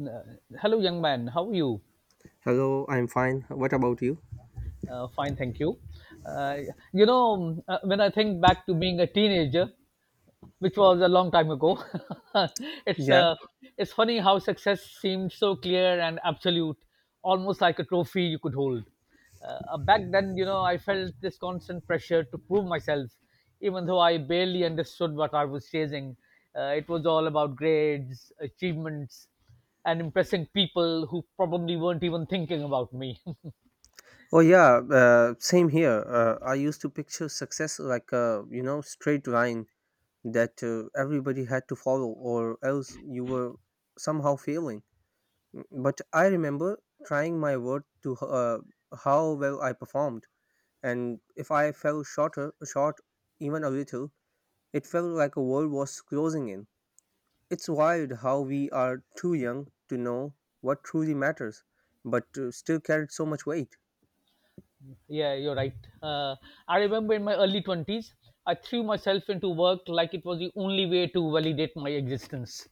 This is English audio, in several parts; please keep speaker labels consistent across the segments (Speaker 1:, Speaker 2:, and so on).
Speaker 1: Uh, Hello, young man. How are you?
Speaker 2: Hello, I'm fine. What about you?
Speaker 1: Fine, thank you. Uh, when I think back to being a teenager, which was a long time ago. it's
Speaker 2: Yeah.
Speaker 1: uh, it's funny how success seemed so clear and absolute, almost like a trophy you could hold. Back then, I felt this constant pressure to prove myself, even though I barely understood what I was chasing. It was all about grades, achievements, and impressing people who probably weren't even thinking about me.
Speaker 2: Oh, yeah. Same here. I used to picture success like a straight line that everybody had to follow, or else you were somehow failing. Mm, but I remember trying my worth to how well I performed, and if I fell shorter, short even a little, it felt like a world was closing in. It's wild how we are too young to know what truly matters, but still carried so much weight.
Speaker 1: Yeah, you're right. Uh, I remember in my early 20s, I threw myself into work like it was the only way to validate my existence.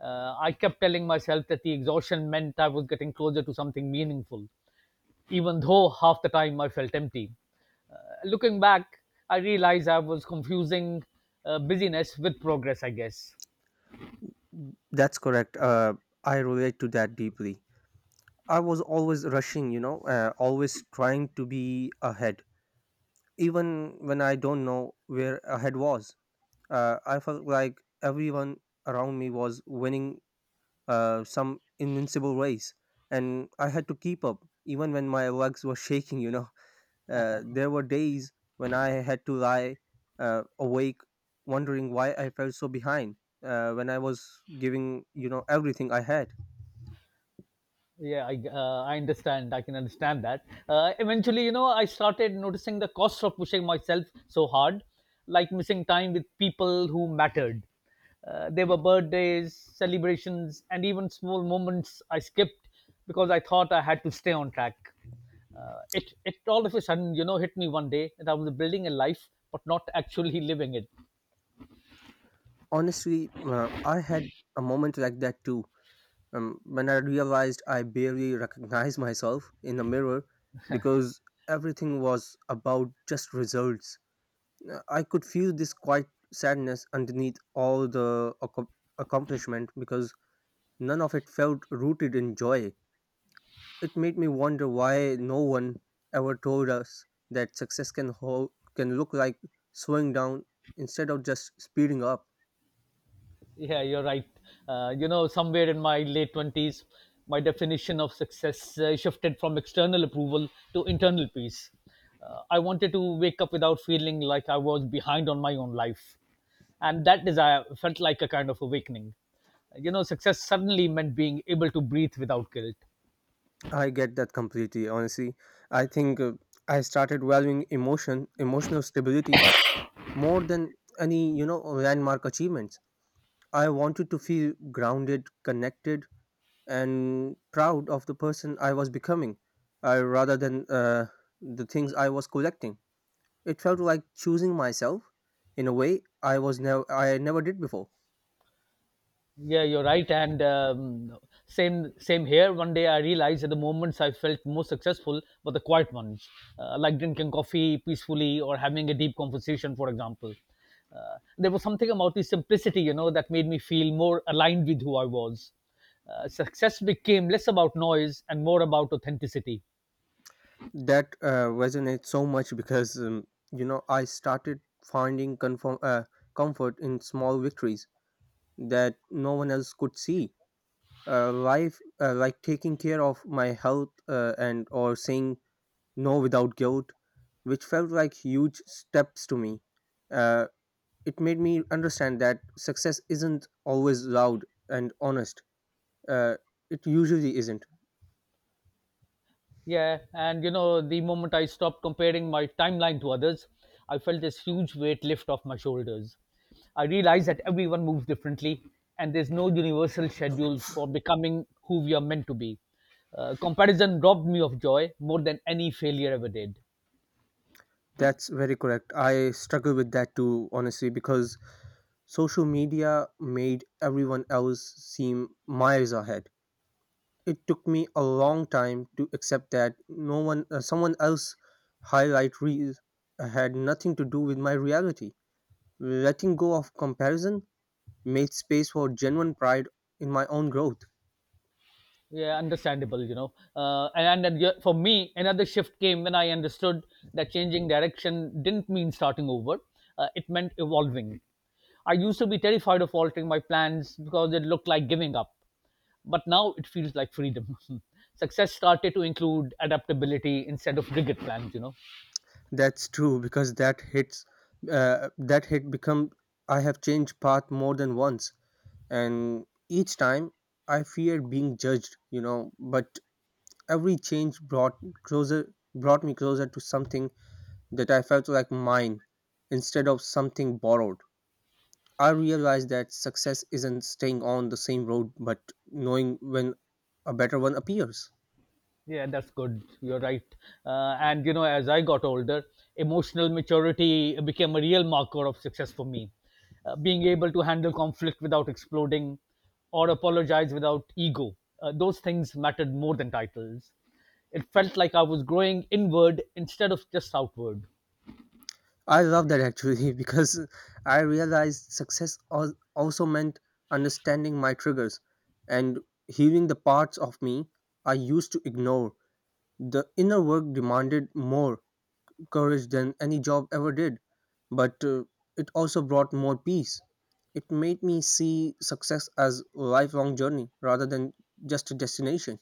Speaker 1: I kept telling myself that the exhaustion meant I was getting closer to something meaningful, even though half the time I felt empty. Uh, Looking back, I realized I was confusing busyness with progress, I guess.
Speaker 2: That's correct. I relate to that deeply. I was always rushing, always trying to be ahead, even when I don't know where ahead was. I felt like everyone around me was winning some invincible race, and I had to keep up, even when my legs were shaking, you know. There were days when I had to lie awake wondering why I felt so behind when I was giving, you know, everything I had.
Speaker 1: Yeah, I can understand that. Eventually, I started noticing the cost of pushing myself so hard, like missing time with people who mattered. There were birthdays, celebrations, and even small moments I skipped because I thought I had to stay on track. It all of a sudden, hit me one day that I was building a life but not actually living it.
Speaker 2: Honestly, I had a moment like that too. When I realized I barely recognized myself in the mirror because everything was about just results, I could feel this quiet sadness underneath all the accomplishment because none of it felt rooted in joy. It made me wonder why no one ever told us that success can hold, can look like slowing down instead of just speeding up.
Speaker 1: Yeah, you're right. Somewhere in my late 20s, my definition of success shifted from external approval to internal peace. I wanted to wake up without feeling like I was behind on my own life. And that desire felt like a kind of awakening. You know, success suddenly meant being able to breathe without guilt.
Speaker 2: I get that completely. Honestly, I think I started valuing emotion, emotional stability more than any, you know, landmark achievements. I wanted to feel grounded, connected, and proud of the person I was becoming, rather than the things I was collecting. It felt like choosing myself in a way I never did before.
Speaker 1: Yeah, you're right. And same here. One day I realized that the moments I felt most successful were the quiet ones, like drinking coffee peacefully or having a deep conversation, for example. There was something about the simplicity, you know, that made me feel more aligned with who I was. Success became less about noise and more about authenticity.
Speaker 2: That resonates so much because you know, I started finding comfort in small victories that no one else could see. Life Like taking care of my health and or saying no without guilt, which felt like huge steps to me. uh, it made me understand that success isn't always loud and honest. uh, it usually isn't.
Speaker 1: Yeah, and you know, the moment I stopped comparing my timeline to others, I felt this huge weight lift off my shoulders. I realized that everyone moves differently, and there's no universal schedule for becoming who we are meant to be. Comparison robbed me of joy more than any failure ever did.
Speaker 2: That's very correct. I struggle with that too, honestly, because social media made everyone else seem miles ahead. It took me a long time to accept that no one, someone else highlight reels had nothing to do with my reality. Letting go of comparison made space for genuine pride in my own growth.
Speaker 1: Yeah, understandable, you know. And then, yeah, for me, another shift came when I understood that changing direction didn't mean starting over. It meant evolving. I used to be terrified of altering my plans because it looked like giving up, but now it feels like freedom. Success started to include adaptability instead of rigid plans, you know.
Speaker 2: That's true because that hits that hit become I have changed path more than once, and each time I feared being judged, you know, but every change brought me closer to something that I felt like mine instead of something borrowed. I realized that success isn't staying on the same road but knowing when a better one appears.
Speaker 1: Yeah, that's good. You're right. And, you know, as I got older, emotional maturity became a real marker of success for me. Being able to handle conflict without exploding or apologize without ego, those things mattered more than titles. It felt like I was growing inward instead of just outward.
Speaker 2: I love that actually. Because I realized success also meant understanding my triggers and healing the parts of me I used to ignore. The inner work demanded more courage than any job ever did, but it also brought more peace. It made me see success as a lifelong journey rather than just a destination.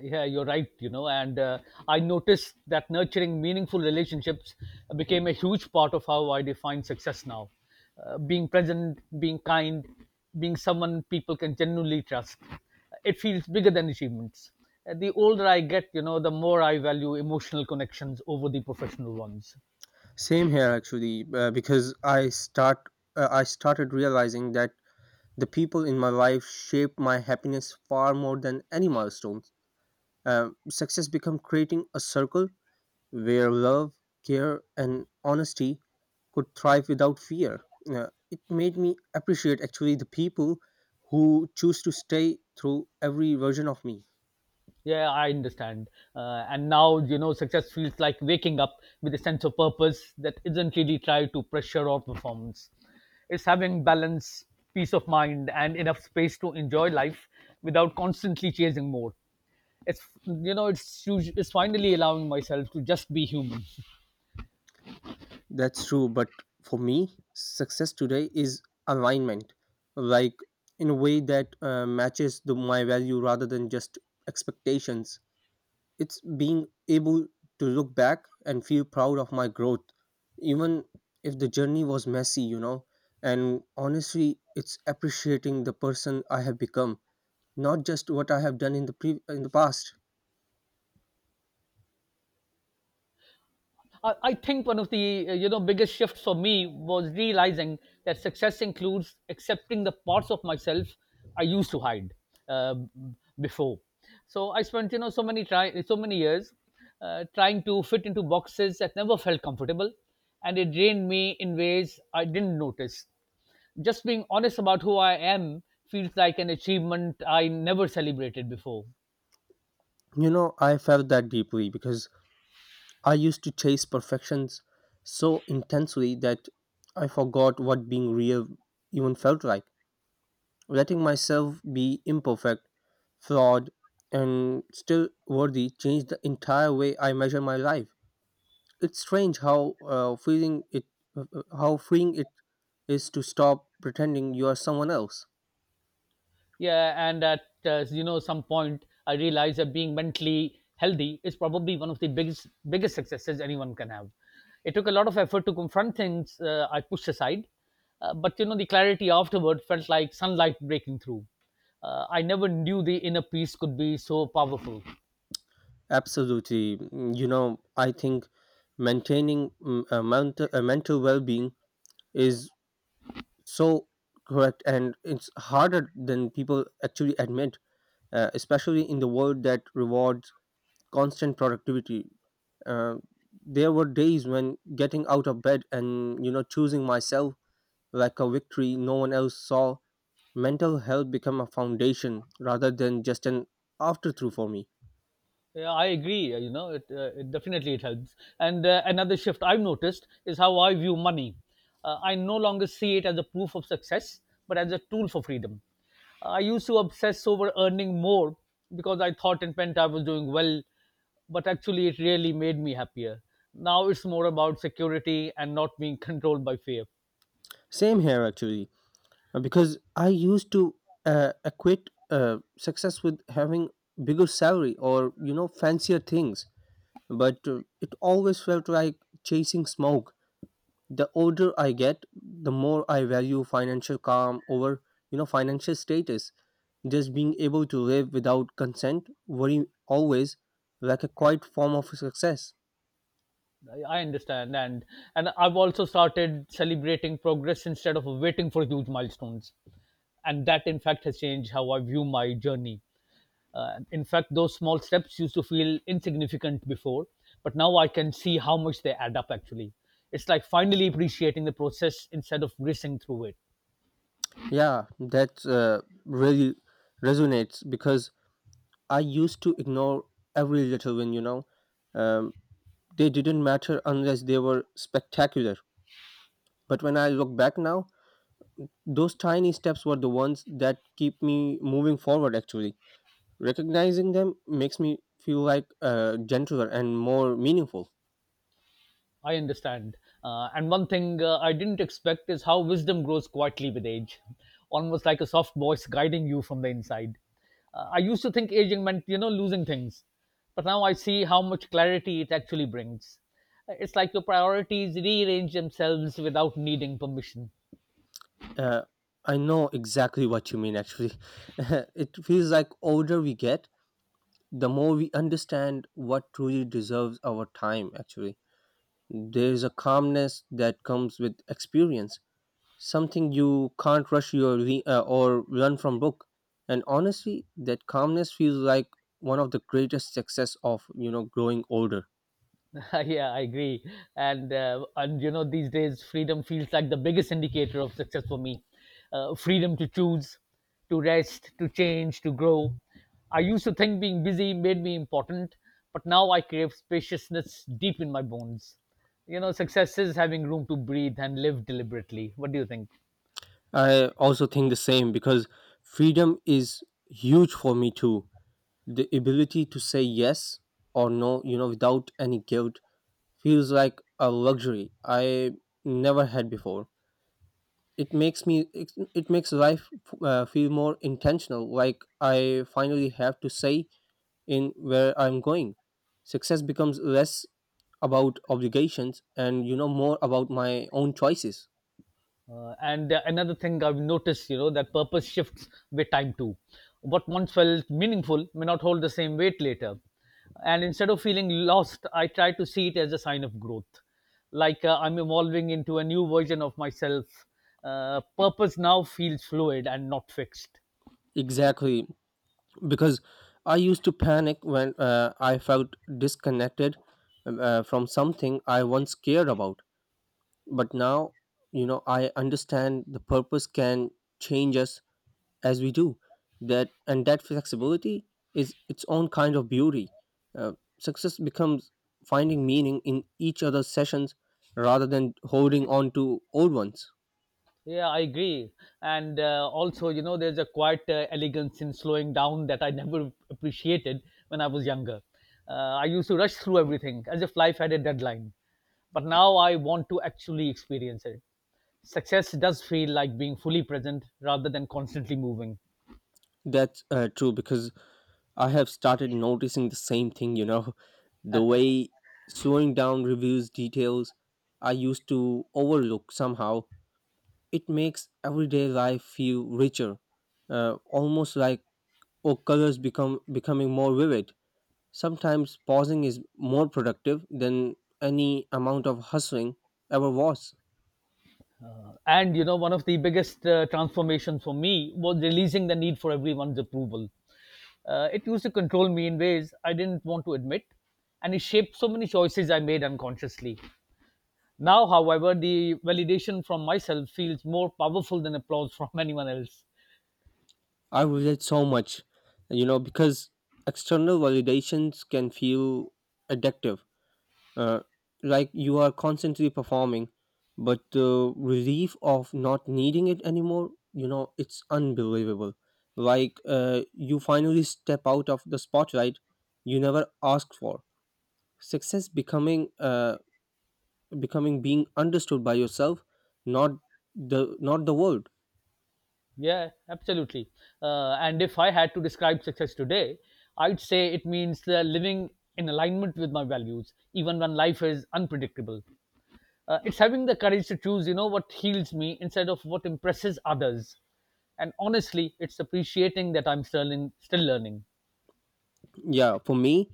Speaker 1: Yeah, you're right, you know. And I noticed that nurturing meaningful relationships became a huge part of how I define success now. Being present, being kind, being someone people can genuinely trust. It feels bigger than achievements. The older I get, you know, the more I value emotional connections over the professional ones.
Speaker 2: Same here, actually, because I started realizing that the people in my life shape my happiness far more than any milestones. Success become creating a circle where love, care, and honesty could thrive without fear. It made me appreciate actually the people who choose to stay through every version of me.
Speaker 1: Yeah, I understand. And now, you know, success feels like waking up with a sense of purpose that isn't really tied to pressure or performance. It's having balance, peace of mind, and enough space to enjoy life without constantly chasing more. It's, you know, it's, usu- it's finally allowing myself to just be human.
Speaker 2: That's true, but for me, success today is alignment, like in a way that matches my value rather than just expectations. It's being able to look back and feel proud of my growth, even if the journey was messy, you know. And honestly, it's appreciating the person I have become, not just what I have done in the in the past.
Speaker 1: I think one of the biggest shifts for me was realizing that success includes accepting the parts of myself I used to hide uh, before. So I spent, you know, so many years trying to fit into boxes that never felt comfortable, and it drained me in ways I didn't notice. Just being honest about who I am feels like an achievement I never celebrated before.
Speaker 2: You know, I felt that deeply because I used to chase perfections so intensely that I forgot what being real even felt like. Letting myself be imperfect, flawed, and still worthy changed the entire way I measure my life. It's strange how uh, how freeing it is to stop pretending you are someone else.
Speaker 1: Yeah, and at some point, I realized that being mentally healthy is probably one of the biggest successes anyone can have. It took a lot of effort to confront things I pushed aside, but, you know, the clarity afterward felt like sunlight breaking through. I never knew the inner peace could be so powerful.
Speaker 2: Absolutely. Mm, you know, I think maintaining mm, a mental well-being is so correct, and it's harder than people actually admit, especially in the world that rewards constant productivity. Uh, there were days when getting out of bed and you know choosing myself like a victory no one else saw, mental health become a foundation rather than just an afterthought for me.
Speaker 1: Yeah, I agree. You know, it definitely it helps. And another shift I've noticed is how I view money. I no longer see it as a proof of success, but as a tool for freedom. I used to obsess over earning more because I thought it meant I was doing well, but actually it really made me happier. Now it's more about security and not being controlled by fear.
Speaker 2: Same here, actually, because I used to equate success with having bigger salary or you know fancier things, but it always felt like chasing smoke. The older I get, the more I value financial calm over, you know, financial status. Just being able to live without consent, worry always, like a quiet form of success.
Speaker 1: I understand, and I've also started celebrating progress instead of waiting for huge milestones. And that in fact has changed how I view my journey. In fact, those small steps used to feel insignificant before, but now I can see how much they add up actually. It's like finally appreciating the process instead of racing through it.
Speaker 2: Yeah, that really resonates because I used to ignore every little win, you know. Um, they didn't matter unless they were spectacular. But when I look back now, those tiny steps were the ones that keep me moving forward, actually. Recognizing them makes me feel like gentler and more meaningful.
Speaker 1: I understand. And one thing I didn't expect is how wisdom grows quietly with age, almost like a soft voice guiding you from the inside. I used to think aging meant, you know, losing things, but now I see how much clarity it actually brings. It's like your priorities rearrange themselves without needing permission.
Speaker 2: Uh, I know exactly what you mean, actually. It feels like older we get, the more we understand what truly deserves our time, actually. There's a calmness that comes with experience, something you can't rush your or run from book, and honestly that calmness feels like one of the greatest success of, you know, growing older.
Speaker 1: Yeah, I agree. And you know, these days, freedom feels like the biggest indicator of success for me. Freedom to choose, to rest, to change, to grow. I used to think being busy made me important, but now I crave spaciousness deep in my bones. You know, success is having room to breathe and live deliberately. What do you think?
Speaker 2: I also think the same because freedom is huge for me too. The ability to say yes or no, you know, without any guilt feels like a luxury I never had before. It makes me, it makes life feel more intentional, like I finally have to say in where I'm going. Success becomes less about obligations and, you know, more about my own choices.
Speaker 1: And another thing I've noticed, you know, that purpose shifts with time too. What once felt meaningful may not hold the same weight later. And instead of feeling lost, I try to see it as a sign of growth. Like I'm evolving into a new version of myself. Purpose now feels fluid and not fixed.
Speaker 2: Exactly, because I used to panic when I felt disconnected from something I once cared about. But now, you know, I understand the purpose can change us as we do that, and that flexibility is its own kind of beauty. uh, Success becomes finding meaning in each other's sessions rather than holding on to old ones.
Speaker 1: Yeah, I agree. And also, you know, there's a quiet elegance in slowing down that I never appreciated when I was younger. I used to rush through everything as if life had a deadline. But now I want to actually experience it. Success does feel like being fully present rather than constantly moving.
Speaker 2: That's true because I have started noticing the same thing, you know. The way slowing down reveals details I used to overlook somehow, it makes everyday life feel richer, almost like or colors become becoming more vivid. Sometimes pausing is more productive than any amount of hustling ever was.
Speaker 1: And, you know, one of the biggest transformations for me was releasing the need for everyone's approval. It used to control me in ways I didn't want to admit, and it shaped so many choices I made unconsciously. Now, however, the validation from myself feels more powerful than applause from anyone else.
Speaker 2: I relate so much, you know, because external validations can feel addictive. Uh, like you are constantly performing, but the relief of not needing it anymore, you know, it's unbelievable. Like you finally step out of the spotlight you never asked for. Success becoming being understood by yourself, not the not the world.
Speaker 1: Yeah, absolutely. And if I had to describe success today, I'd say it means living in alignment with my values, even when life is unpredictable. It's having the courage to choose, you know, what heals me instead of what impresses others. And honestly, it's appreciating that I'm still learning.
Speaker 2: Yeah, for me,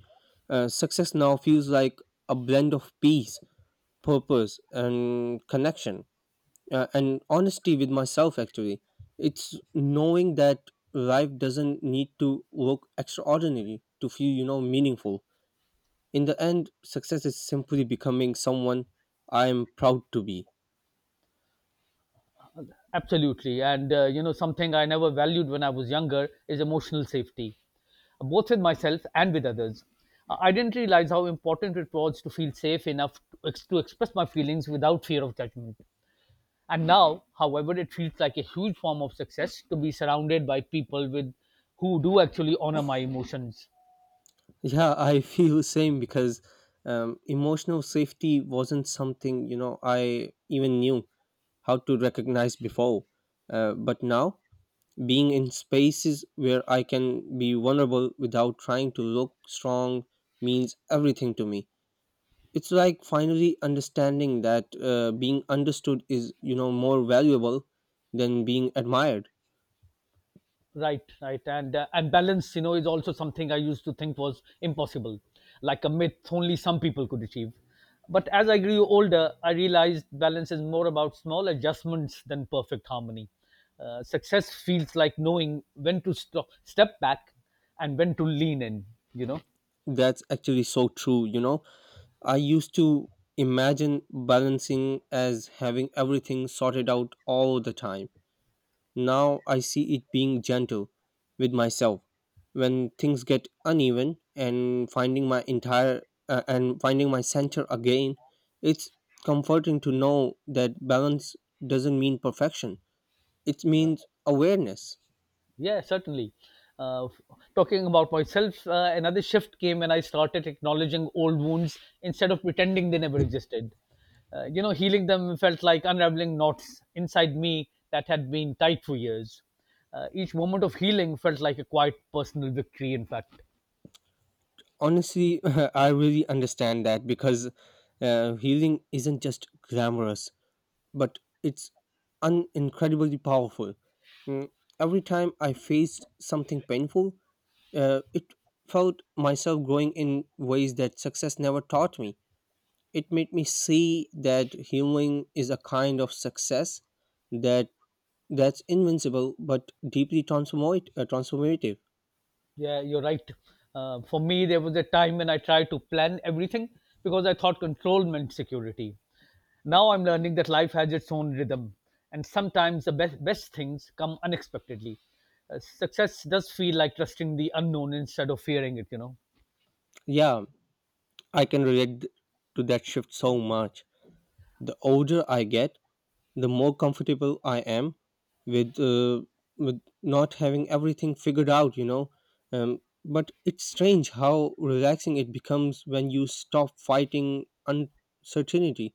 Speaker 2: success now feels like a blend of peace, purpose and connection, and honesty with myself, actually. It's knowing that life doesn't need to look extraordinary to feel, you know, meaningful. In the end, success is simply becoming someone I am proud to be.
Speaker 1: Absolutely. And, you know, something I never valued when I was younger is emotional safety, both with myself and with others. I didn't realize how important it was to feel safe enough to, to express my feelings without fear of judgment. And now, however, it feels like a huge form of success to be surrounded by people with who do actually honor my emotions.
Speaker 2: Yeah, I feel same because emotional safety wasn't something, you know, I even knew how to recognize before. But now, being in spaces where I can be vulnerable without trying to look strong means everything to me. It's like finally understanding that being understood is, you know, more valuable than being admired.
Speaker 1: Right, right. And balance, you know, is also something I used to think was impossible, like a myth only some people could achieve. But as I grew older, I realized balance is more about small adjustments than perfect harmony. Success feels like knowing when to stop, step back, and when to lean in, you know.
Speaker 2: That's actually so true, you know. I used to imagine balancing as having everything sorted out all the time. Now I see it being gentle with myself when things get uneven and finding my center again. It's comforting to know that balance doesn't mean perfection. It means awareness.
Speaker 1: Yeah, certainly. Uh, f- Talking about myself, another shift came when I started acknowledging old wounds instead of pretending they never existed. You know, healing them felt like unraveling knots inside me that had been tight for years. Each moment of healing felt like a quiet personal victory, in fact.
Speaker 2: Honestly, I really understand that because healing isn't just glamorous but it's incredibly powerful. Mm, every time I faced something painful, it felt myself growing in ways that success never taught me. It made me see that healing is a kind of success that that's invincible but deeply transformative.
Speaker 1: Yeah, you're right. For me, there was a time when I tried to plan everything because I thought control meant security. Now I'm learning that life has its own rhythm, and sometimes the best things come unexpectedly. Success does feel like trusting the unknown instead of fearing it, you know.
Speaker 2: Yeah, I can relate to that shift so much. The older I get, the more comfortable I am with uh, with not having everything figured out, you know. But it's strange how relaxing it becomes when you stop fighting uncertainty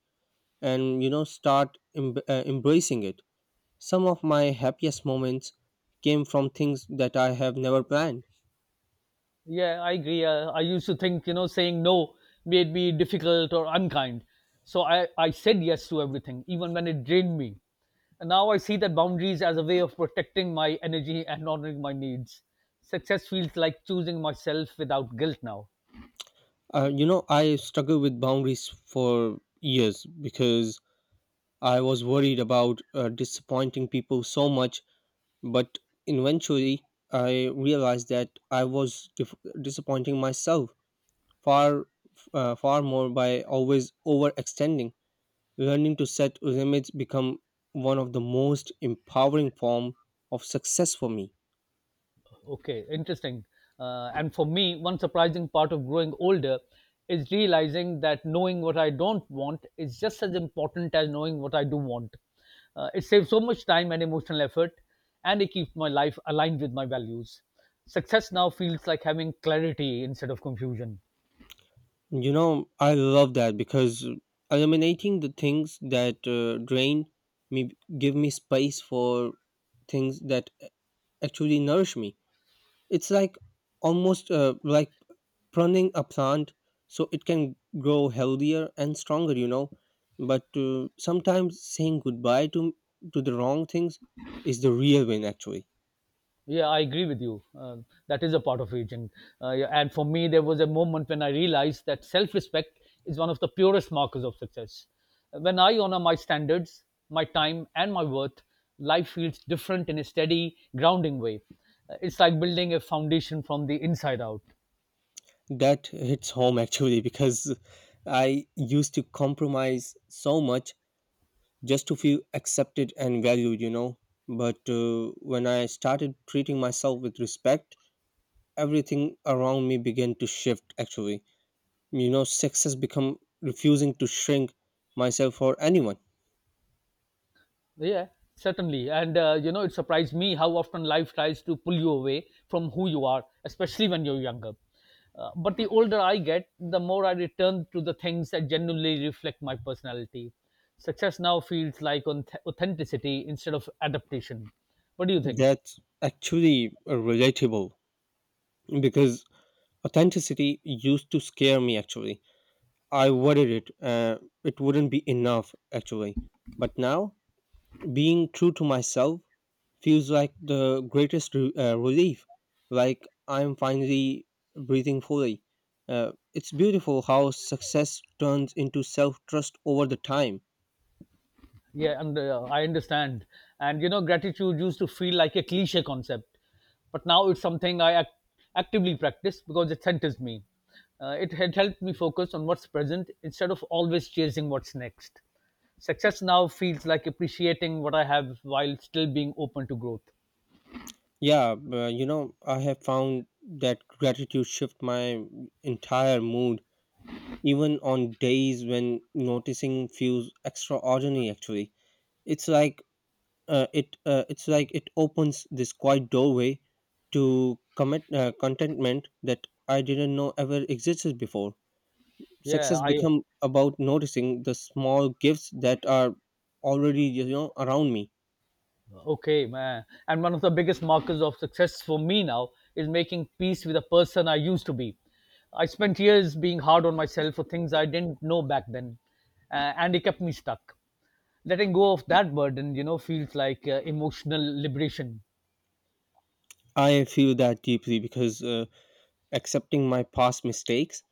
Speaker 2: and, you know, start embracing it. Some of my happiest moments came from things that I have never planned.
Speaker 1: Yeah, I agree. I used to think, you know, saying no made me difficult or unkind. So I said yes to everything, even when it drained me. And now I see that boundaries as a way of protecting my energy and honoring my needs. Success feels like choosing myself without guilt now.
Speaker 2: You know, I struggled with boundaries for years because I was worried about disappointing people so much. But eventually, I realized that I was disappointing myself far, far more by always overextending. Learning to set limits become one of the most empowering form of success for me.
Speaker 1: Okay, interesting. And for me, one surprising part of growing older is realizing that knowing what I don't want is just as important as knowing what I do want. It saves so much time and emotional effort, and it keeps my life aligned with my values. Success now feels like having clarity instead of confusion.
Speaker 2: You know, I love that because eliminating the things that drain me give me space for things that actually nourish me. It's like almost like pruning a plant so it can grow healthier and stronger, you know. But sometimes saying goodbye to the wrong things is the real win actually.
Speaker 1: Yeah, I agree with you. That is a part of aging. Yeah, and for me, there was a moment when I realized that self respect is one of the purest markers of success. When I honor my standards, my time, and my worth, life feels different in a steady, grounding way. It's like building a foundation from the inside out.
Speaker 2: That hits home actually because I used to compromise so much just to feel accepted and valued, you know. But when I started treating myself with respect, everything around me began to shift actually. You know, success become refusing to shrink myself or anyone.
Speaker 1: Yeah, certainly. And it surprised me how often life tries to pull you away from who you are, especially when you're younger. But the older I get, the more I return to the things that genuinely reflect my personality. Success now feels like on authenticity instead of adaptation. What do you think?
Speaker 2: That's actually relatable because authenticity used to scare me actually. I worried it wouldn't be enough actually. But now, being true to myself feels like the greatest relief. Like I'm finally breathing fully. It's beautiful how success turns into self-trust over the time.
Speaker 1: Yeah, and I understand. Gratitude used to feel like a cliche concept, but now it's something I actively practice because it centers me. It had helped me focus on what's present instead of always chasing what's next. Success now feels like appreciating what I have while still being open to growth.
Speaker 2: Yeah, but, you know, I have found that gratitude shift my entire mood, even on days when noticing feels extraordinary. Actually, it's like it's like it opens this quiet doorway to commit contentment that I didn't know ever existed before.
Speaker 1: Yeah,
Speaker 2: Success
Speaker 1: I
Speaker 2: become about noticing the small gifts that are already, you know, around me.
Speaker 1: Okay, man. And one of the biggest markers of success for me now is making peace with the person I used to be. I spent years being hard on myself for things I didn't know back then, and it kept me stuck. Letting go of that burden feels like emotional liberation.
Speaker 2: I feel that deeply because accepting my past mistakes,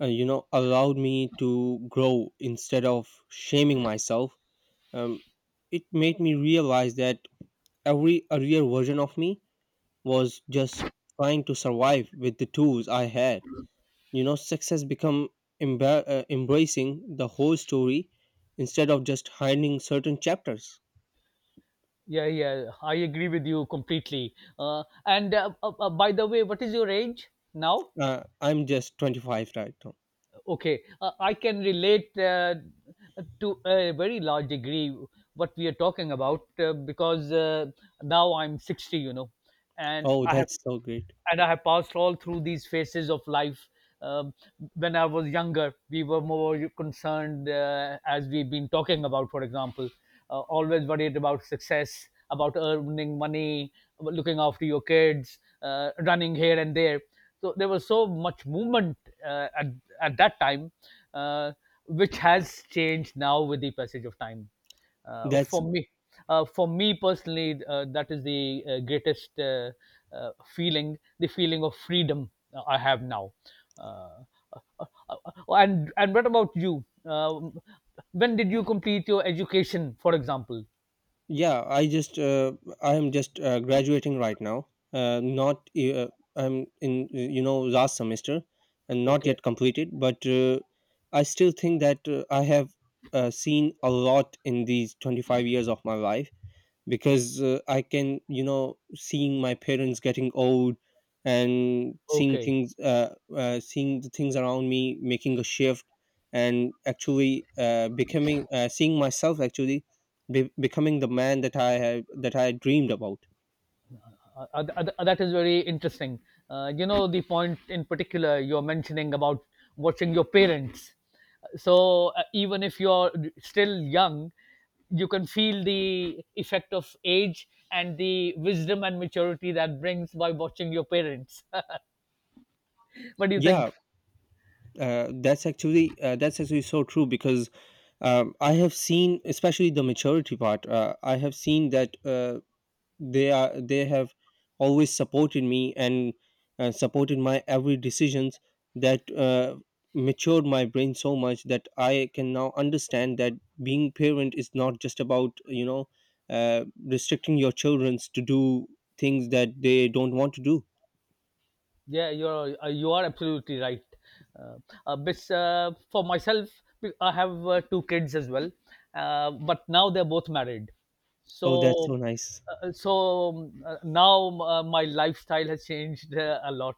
Speaker 2: you know, allowed me to grow instead of shaming myself. um, it made me realize that every earlier version of me was just trying to survive with the tools I had. You know, success become embracing the whole story instead of just hiding certain chapters.
Speaker 1: Yeah, yeah, I agree with you completely. And by the way, what is your age now?
Speaker 2: I'm just 25 right now.
Speaker 1: Okay, I can relate to a very large degree what we are talking about, because now I'm 60, you know, and
Speaker 2: Oh,
Speaker 1: i have
Speaker 2: that's so great.
Speaker 1: and I have passed all through these phases of life. Um, when I was younger, we were more concerned, as we've been talking about, for example, always worried about success, about earning money, about looking after your kids, running here and there. So there was so much movement uh, at at that time, uh, which has changed now with the passage of time. Uh,
Speaker 2: That's
Speaker 1: for me, for me personally, that is the greatest uh, feeling, the feeling of freedom I have now. Uh, uh, uh, and what about you? When did you complete your education, for example?
Speaker 2: yeah. I just I am just graduating right now. Not I'm in, you know, last semester and not
Speaker 1: Okay,
Speaker 2: yet completed, but I still think that I have seen a lot in these 25 years of my life, because I can, you know, seeing my parents getting old and seeing
Speaker 1: okay,
Speaker 2: things, seeing the things around me making a shift and actually becoming, seeing myself actually becoming the man that that I dreamed about.
Speaker 1: that is very interesting. You know, the point in particular you're mentioning about watching your parents. So, even if you're still young, you can feel the effect of age and the wisdom and maturity that brings by watching your parents. What do you
Speaker 2: Yeah.
Speaker 1: think?
Speaker 2: That's actually that's actually so true because I have seen, especially the maturity part. I have seen that they have always supported me and supported my every decisions that matured my brain so much that I can now understand that being parent is not just about, you know, restricting your children to do things that they don't want to do.
Speaker 1: Yeah, you are absolutely right. Uh, but for myself, I have two kids as well, but now they're both married.
Speaker 2: Oh, that's so
Speaker 1: So,
Speaker 2: nice.
Speaker 1: so now my lifestyle has changed a lot.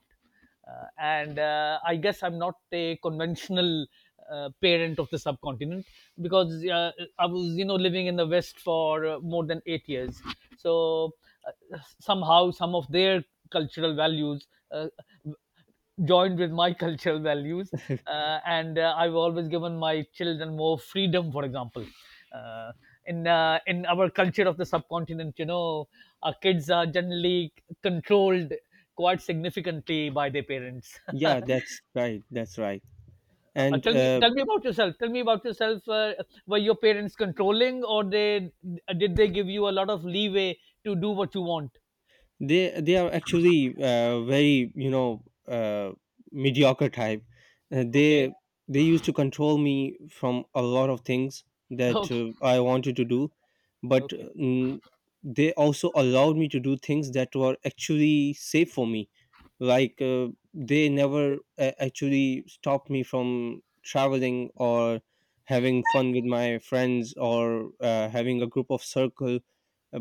Speaker 1: And I guess I'm not a conventional parent of the subcontinent because I was, you know, living in the West for more than 8 years. So somehow, some of their cultural values joined with my cultural values and I've always given my children more freedom, for example. Uh, in uh, in our culture of the subcontinent, you know, our kids are generally controlled quite significantly by their parents.
Speaker 2: Yeah, that's right. That's right.
Speaker 1: uh,
Speaker 2: And
Speaker 1: tell me tell me about yourself, were your parents controlling, or they did they give you a lot of leeway to do what you want?
Speaker 2: they are actually very, you know, mediocre type. Uh, they
Speaker 1: Okay.
Speaker 2: they used to control me from a lot of things that
Speaker 1: Okay.
Speaker 2: I wanted to do, but
Speaker 1: Okay.
Speaker 2: they also allowed me to do things that were actually safe for me, like they never actually stopped me from traveling or having fun with my friends or having a group of circle,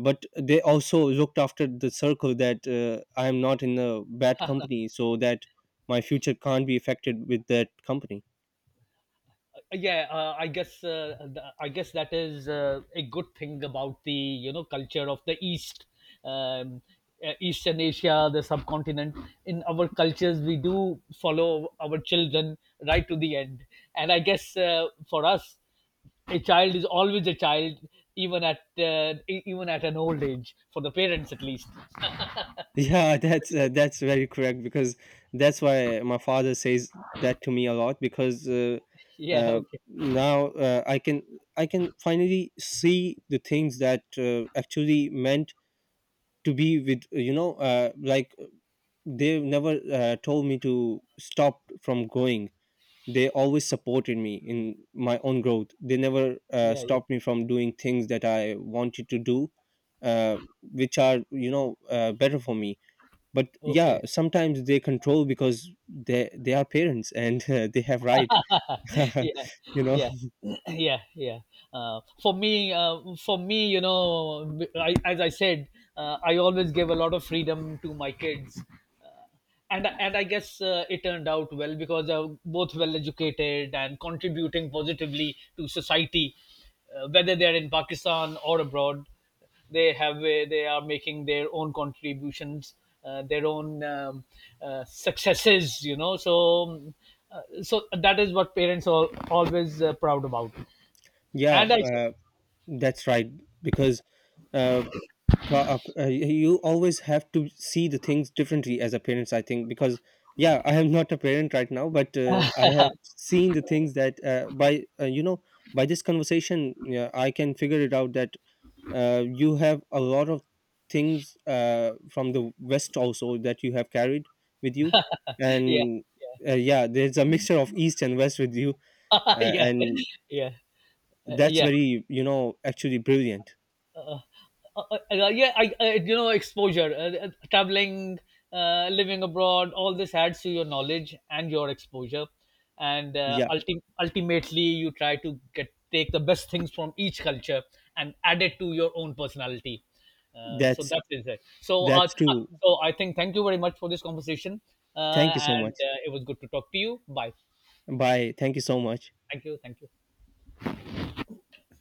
Speaker 2: but they also looked after the circle that I am not in a bad company, so that my future can't be affected with that company.
Speaker 1: Yeah, I guess that is a good thing about the, you know, culture of the east. Um, uh, eastern Asia, the subcontinent. In our cultures, we do follow our children right to the end, and I guess for us, a child is always a child, even at even at an old age, for the parents at least.
Speaker 2: Yeah, that's very correct because that's why my father says that to me a lot because
Speaker 1: Yeah.
Speaker 2: uh,
Speaker 1: Okay.
Speaker 2: now I can finally see the things that actually meant to be with, you know, like they never told me to stop from going. They always supported me in my own growth. They never
Speaker 1: Yeah, yeah.
Speaker 2: stopped me from doing things that I wanted to do, which are, you know, better for me. But yeah,
Speaker 1: Okay.
Speaker 2: sometimes they control because they are parents and they have right.
Speaker 1: Yeah.
Speaker 2: You know.
Speaker 1: Yeah. Yeah, yeah. For me, you know, as I said, I always gave a lot of freedom to my kids, uh, and I guess it turned out well because they are both well educated and contributing positively to society, whether they are in Pakistan or abroad. They are making their own contributions, their own successes, you know. So um, uh, so that is what parents are always proud about,
Speaker 2: Yeah,
Speaker 1: and I say.
Speaker 2: that's right because uh, you always have to see the things differently as a parent, I think, because yeah, I am not a parent right now, but I have seen the things that by you know, by this conversation, yeah, I can figure it out that you have a lot of things from the West also that you have carried with you,
Speaker 1: Yeah.
Speaker 2: and yeah, there's a mixture of East and West with you.
Speaker 1: Yeah,
Speaker 2: And
Speaker 1: yeah. uh,
Speaker 2: that's
Speaker 1: yeah
Speaker 2: very, you know, actually brilliant.
Speaker 1: uh, uh, uh, yeah, I, I you know, exposure, traveling, living abroad, all this adds to your knowledge and your exposure, and
Speaker 2: Yeah,
Speaker 1: ultimately you try to get take the best things from each culture and add it to your own personality. So
Speaker 2: that's
Speaker 1: that is it. So, uh,
Speaker 2: that's
Speaker 1: uh,
Speaker 2: true.
Speaker 1: so I think, thank you very much for this conversation, uh,
Speaker 2: Thank you so
Speaker 1: and
Speaker 2: much.
Speaker 1: uh, it was good to talk to you. Bye.
Speaker 2: Bye. Thank you so much.
Speaker 1: Thank you. Thank you.